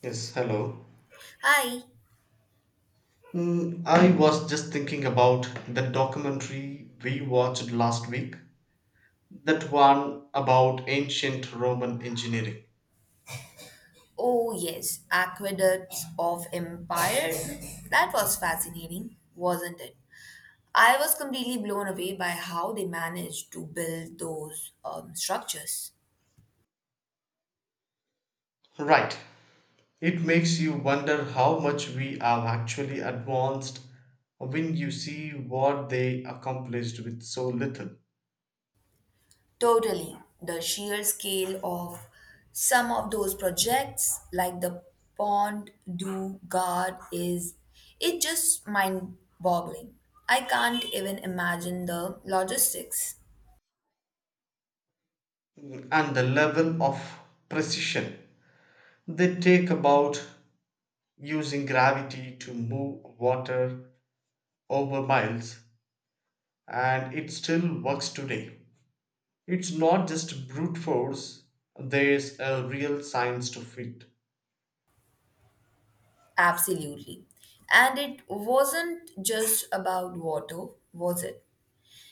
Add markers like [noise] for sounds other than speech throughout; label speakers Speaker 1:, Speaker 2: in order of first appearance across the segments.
Speaker 1: Yes, hello.
Speaker 2: Hi.
Speaker 1: I was just thinking about the documentary we watched last week, that one about ancient Roman engineering.
Speaker 2: Oh, yes, Aqueducts of Empire. That was fascinating, wasn't it? I was completely blown away by how they managed to build those structures.
Speaker 1: Right. It makes you wonder how much we have actually advanced when you see what they accomplished with so little.
Speaker 2: Totally. The sheer scale of some of those projects, like the Pont du Gard, is it just mind boggling. I can't even imagine the logistics.
Speaker 1: And the level of precision they take about using gravity to move water over miles, and it still works today. It's not just brute force, there's a real science to it.
Speaker 2: Absolutely. And it wasn't just about water, was it?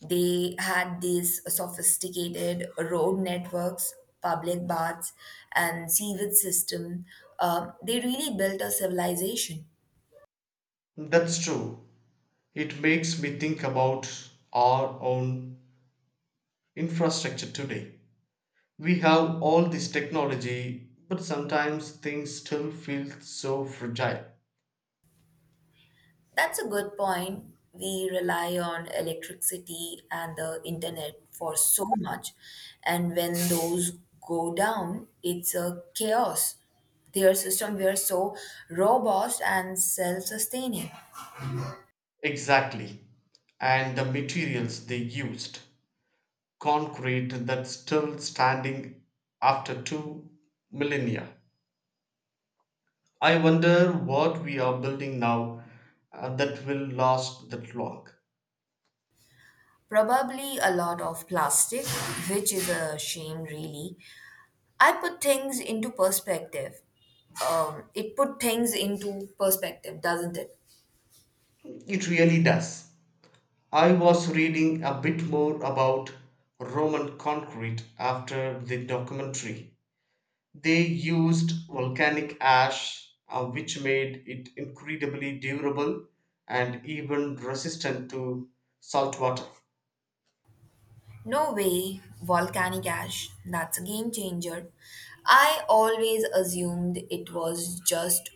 Speaker 2: They had these sophisticated road networks, public baths, and sewage system. They really built a civilization.
Speaker 1: That's true. It makes me think about our own infrastructure today. We have all this technology, but sometimes things still feel so fragile.
Speaker 2: That's a good point. We rely on electricity and the internet for so much, and when those go down, it's a chaos. Their system were so robust and self-sustaining.
Speaker 1: Exactly. And the materials they used concrete that's still standing after two millennia. I wonder what we are building now that will last that long.
Speaker 2: Probably a lot of plastic, which is a shame, really. I put things into perspective. It put things into perspective, doesn't it?
Speaker 1: It really does. I was reading a bit more about Roman concrete after the documentary. They used volcanic ash, which made it incredibly durable and even resistant to salt water.
Speaker 2: No way, volcanic ash. That's a game changer. I always assumed it was just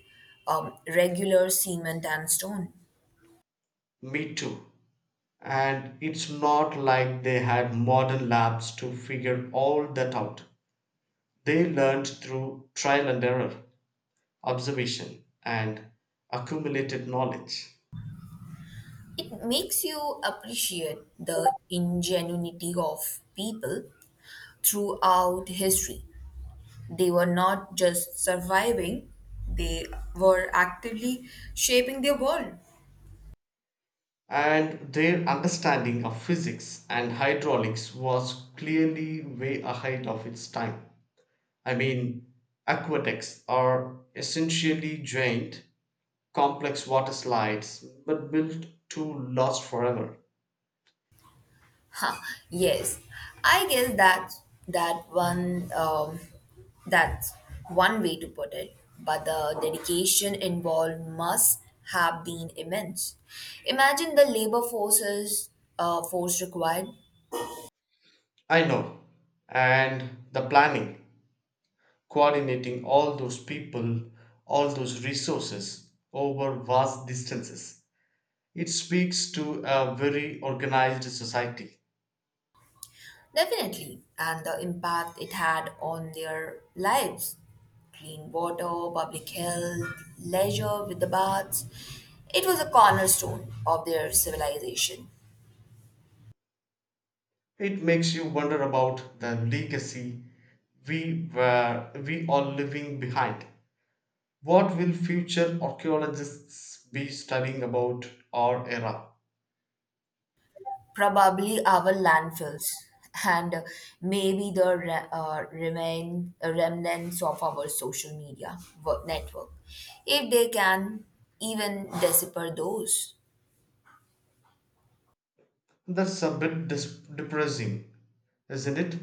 Speaker 2: regular cement and stone.
Speaker 1: Me too. And it's not like they had modern labs to figure all that out. They learned through trial and error, observation, and accumulated knowledge,
Speaker 2: It makes you appreciate the ingenuity of people throughout history. They were not just surviving, they were actively shaping their world.
Speaker 1: and their understanding of physics and hydraulics was clearly way ahead of its time. I mean, aqueducts are essentially giant, complex water slides, but built to last forever.
Speaker 2: Huh, yes, I guess that one. That's one way to put it. But the dedication involved must have been immense. Imagine the labor forces force required,
Speaker 1: I know, and the planning, coordinating all those people, all those resources over vast distances. It speaks to a very organized society.
Speaker 2: definitely, and the impact it had on their lives. Clean water, public health, leisure with the baths. It was a cornerstone of their civilization.
Speaker 1: It makes you wonder about the legacy we are leaving behind. What will future archaeologists be studying about our era?
Speaker 2: Probably our landfills and maybe the re- remain remnants of our social media network, if they can even decipher those.
Speaker 1: That's a bit depressing, isn't it?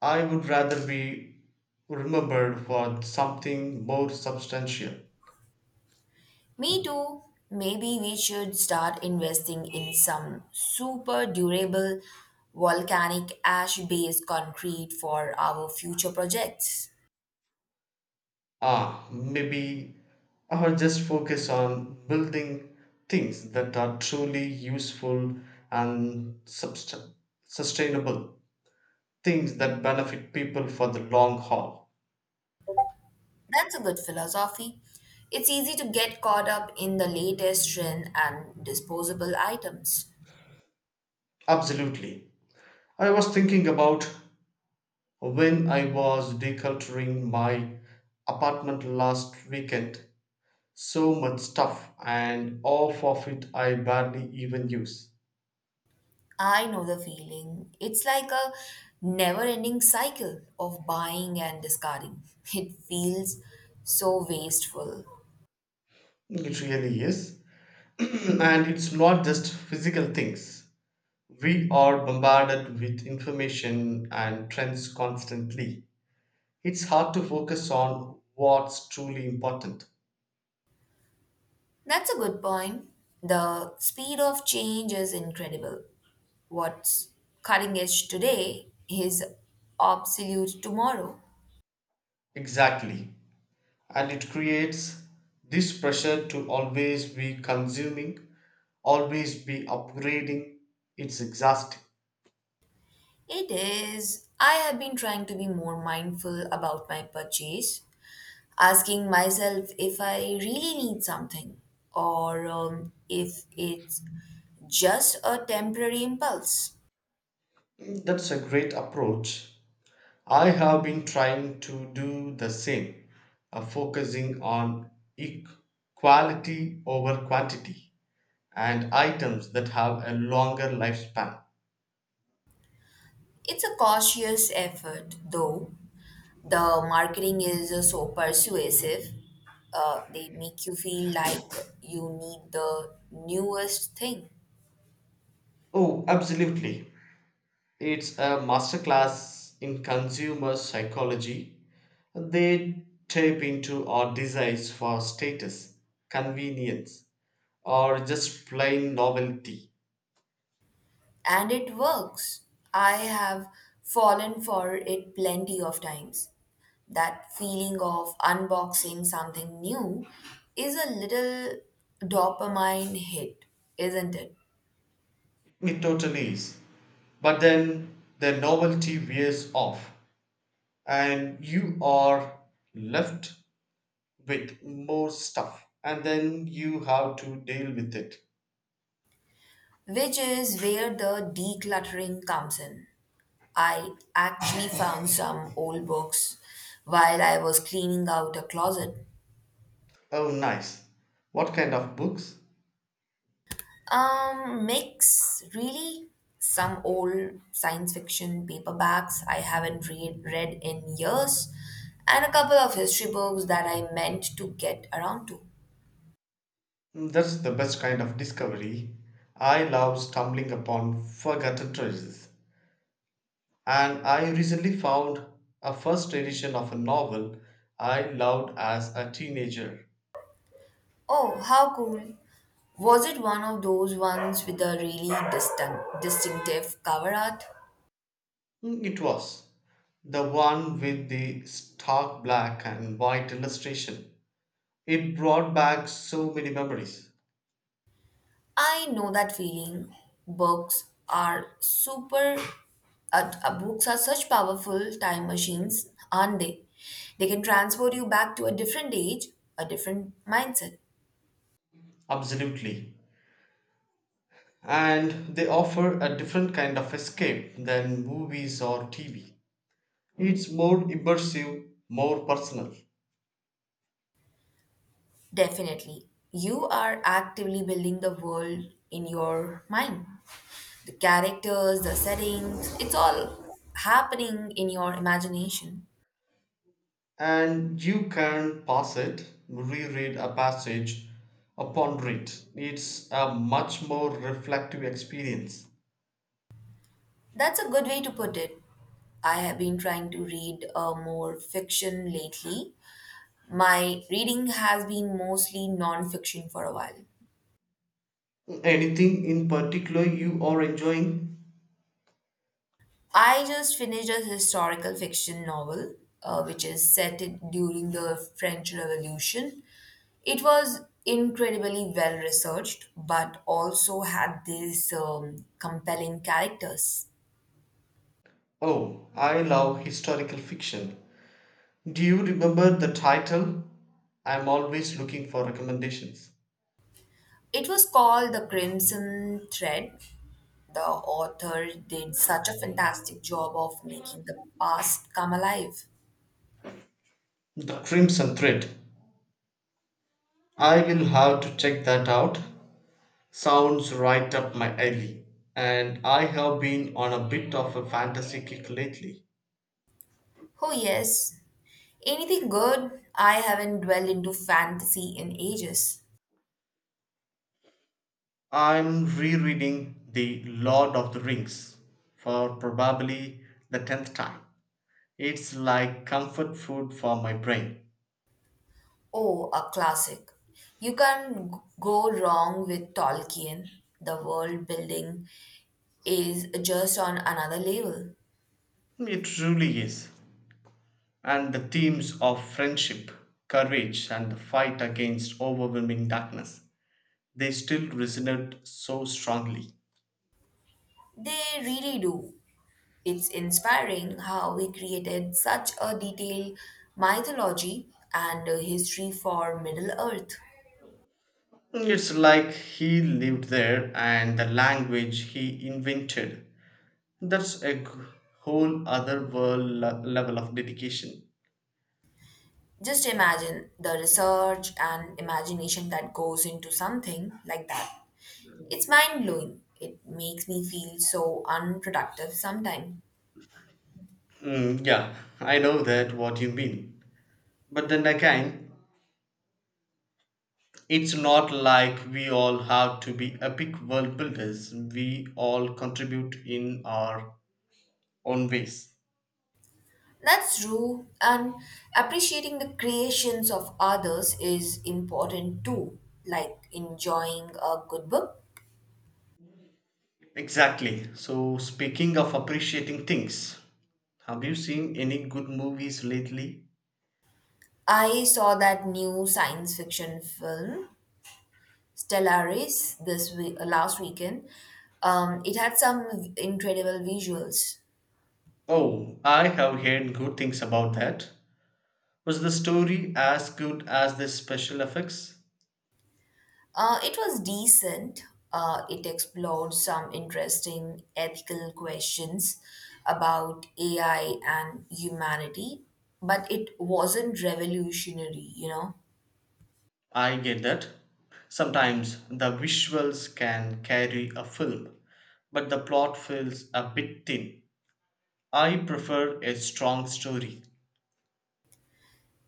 Speaker 1: I would rather be remembered for something more substantial.
Speaker 2: Me too. Maybe we should start investing in some super durable volcanic ash based concrete for our future projects.
Speaker 1: Ah, maybe. Or just focus on building things that are truly useful and sustainable, things that benefit people for the long haul.
Speaker 2: That's a good philosophy. It's easy to get caught up in the latest trend and disposable items.
Speaker 1: Absolutely. I was thinking about when I was decluttering my apartment last weekend. So much stuff, and half of it I barely even use.
Speaker 2: I know the feeling. It's like a never ending cycle of buying and discarding. It feels so wasteful.
Speaker 1: It really is. [clears throat] And it's not just physical things. We are bombarded with information and trends constantly. It's hard to focus on what's truly important.
Speaker 2: That's a good point. The speed of change is incredible. What's cutting edge today is obsolete tomorrow.
Speaker 1: Exactly. And it creates this pressure to always be consuming, always be upgrading. It's exhausting.
Speaker 2: It is. I have been trying to be more mindful about my purchase, asking myself if I really need something or if it's just a temporary impulse.
Speaker 1: That's a great approach. I have been trying to do the same, focusing on equality over quantity, and items that have a longer lifespan.
Speaker 2: It's a cautious effort, though. The marketing is so persuasive. They make you feel like you need the newest thing.
Speaker 1: Oh, absolutely. It's a masterclass in consumer psychology. They tap into our desires for status, convenience, or just plain novelty.
Speaker 2: And it works. I have fallen for it plenty of times. That feeling of unboxing something new is a little dopamine hit, isn't it?
Speaker 1: It totally is. But then the novelty wears off, and you are left with more stuff, and then you have to deal with it.
Speaker 2: Which is where the decluttering comes in. I actually found some old books while I was cleaning out a closet.
Speaker 1: Oh, nice. What kind of books?
Speaker 2: Mix really. Some old science fiction paperbacks I haven't read in years, and a couple of history books that I meant to get around to.
Speaker 1: That's the best kind of discovery. I love stumbling upon forgotten treasures. And I recently found a first edition of a novel I loved as a teenager.
Speaker 2: Oh, how cool! Was it one of those ones with a really distinctive cover art?
Speaker 1: It was the one with the stark black and white illustration. It brought back so many memories.
Speaker 2: I know that feeling. Books are super. Books are such powerful time machines, aren't they? They can transport you back to a different age, a different mindset.
Speaker 1: Absolutely. And they offer a different kind of escape than movies or TV. It's more immersive, more personal.
Speaker 2: Definitely. You are actively building the world in your mind. The characters, the settings, it's all happening in your imagination.
Speaker 1: And you can pause it, reread a passage, or ponder it. It's a much more reflective experience.
Speaker 2: That's a good way to put it. I have been trying to read more fiction lately. My reading has been mostly non-fiction for a while.
Speaker 1: Anything in particular you are enjoying?
Speaker 2: I just finished a historical fiction novel, which is during the French Revolution. It was incredibly well researched, but also had these compelling characters.
Speaker 1: Oh, I love historical fiction. Do you remember the title? I'm always looking for recommendations.
Speaker 2: It was called The Crimson Thread. The author did such a fantastic job of making the past come alive.
Speaker 1: The Crimson Thread. I will have to check that out. Sounds right up my alley. And I have been on a bit of a fantasy kick lately.
Speaker 2: Oh, yes. Anything good? I haven't dwelled into fantasy in ages.
Speaker 1: I'm rereading The Lord of the Rings for probably the 10th time. It's like comfort food for my brain.
Speaker 2: Oh, a classic. You can't go wrong with Tolkien. The world building is just on another level.
Speaker 1: It truly is. And the themes of friendship, courage, and the fight against overwhelming darkness, they still resonate so strongly.
Speaker 2: They really do. It's inspiring how he created such a detailed mythology and a history for Middle Earth.
Speaker 1: It's like he lived there and the language he invented. That's a whole other world level of dedication.
Speaker 2: Just imagine the research and imagination that goes into something like that. It's mind blowing. It makes me feel so unproductive sometimes.
Speaker 1: Mm, yeah, I know that what you mean. But then again, it's not like we all have to be epic world builders. We all contribute in our own ways.
Speaker 2: That's true, and appreciating the creations of others is important too, like enjoying a good book.
Speaker 1: Exactly. So, speaking of appreciating things, have you seen any good movies lately?
Speaker 2: I saw that new science fiction film, Stellaris, this week, last weekend. It had some incredible visuals.
Speaker 1: Oh, I have heard good things about that. Was the story as good as the special effects?
Speaker 2: It was decent. It explored some interesting ethical questions about AI and humanity, but it wasn't revolutionary, you know.
Speaker 1: I get that. Sometimes the visuals can carry a film, but the plot feels a bit thin. I prefer a strong story.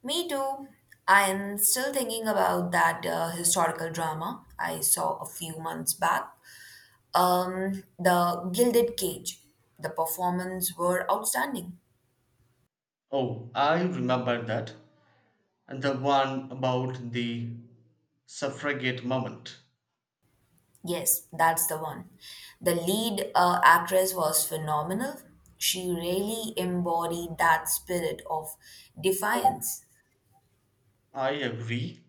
Speaker 2: Me too. I'm still thinking about that historical drama I saw a few months back. The Gilded Cage. The performances were outstanding.
Speaker 1: Oh, I remember that. And the one about the suffragette moment.
Speaker 2: Yes, that's the one. The lead actress was phenomenal. She really embodied that spirit of defiance.
Speaker 1: I agree.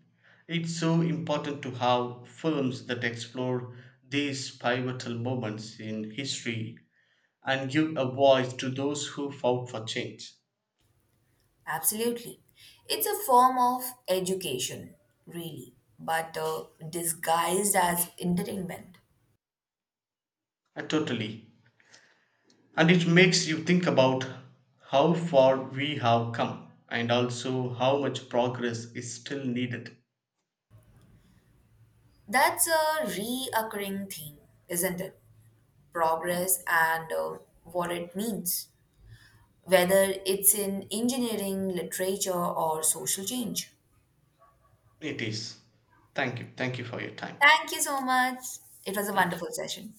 Speaker 1: It's so important to have films that explore these pivotal moments in history and give a voice to those who fought for change.
Speaker 2: Absolutely. It's a form of education, really, but disguised as entertainment.
Speaker 1: Totally. And it makes you think about how far we have come and also how much progress is still needed.
Speaker 2: That's a reoccurring theme, isn't it? Progress and what it means, whether it's in engineering, literature, or social change.
Speaker 1: It is. Thank you. Thank you for your time.
Speaker 2: Thank you so much. It was a
Speaker 1: Thank
Speaker 2: wonderful
Speaker 1: you.
Speaker 2: session.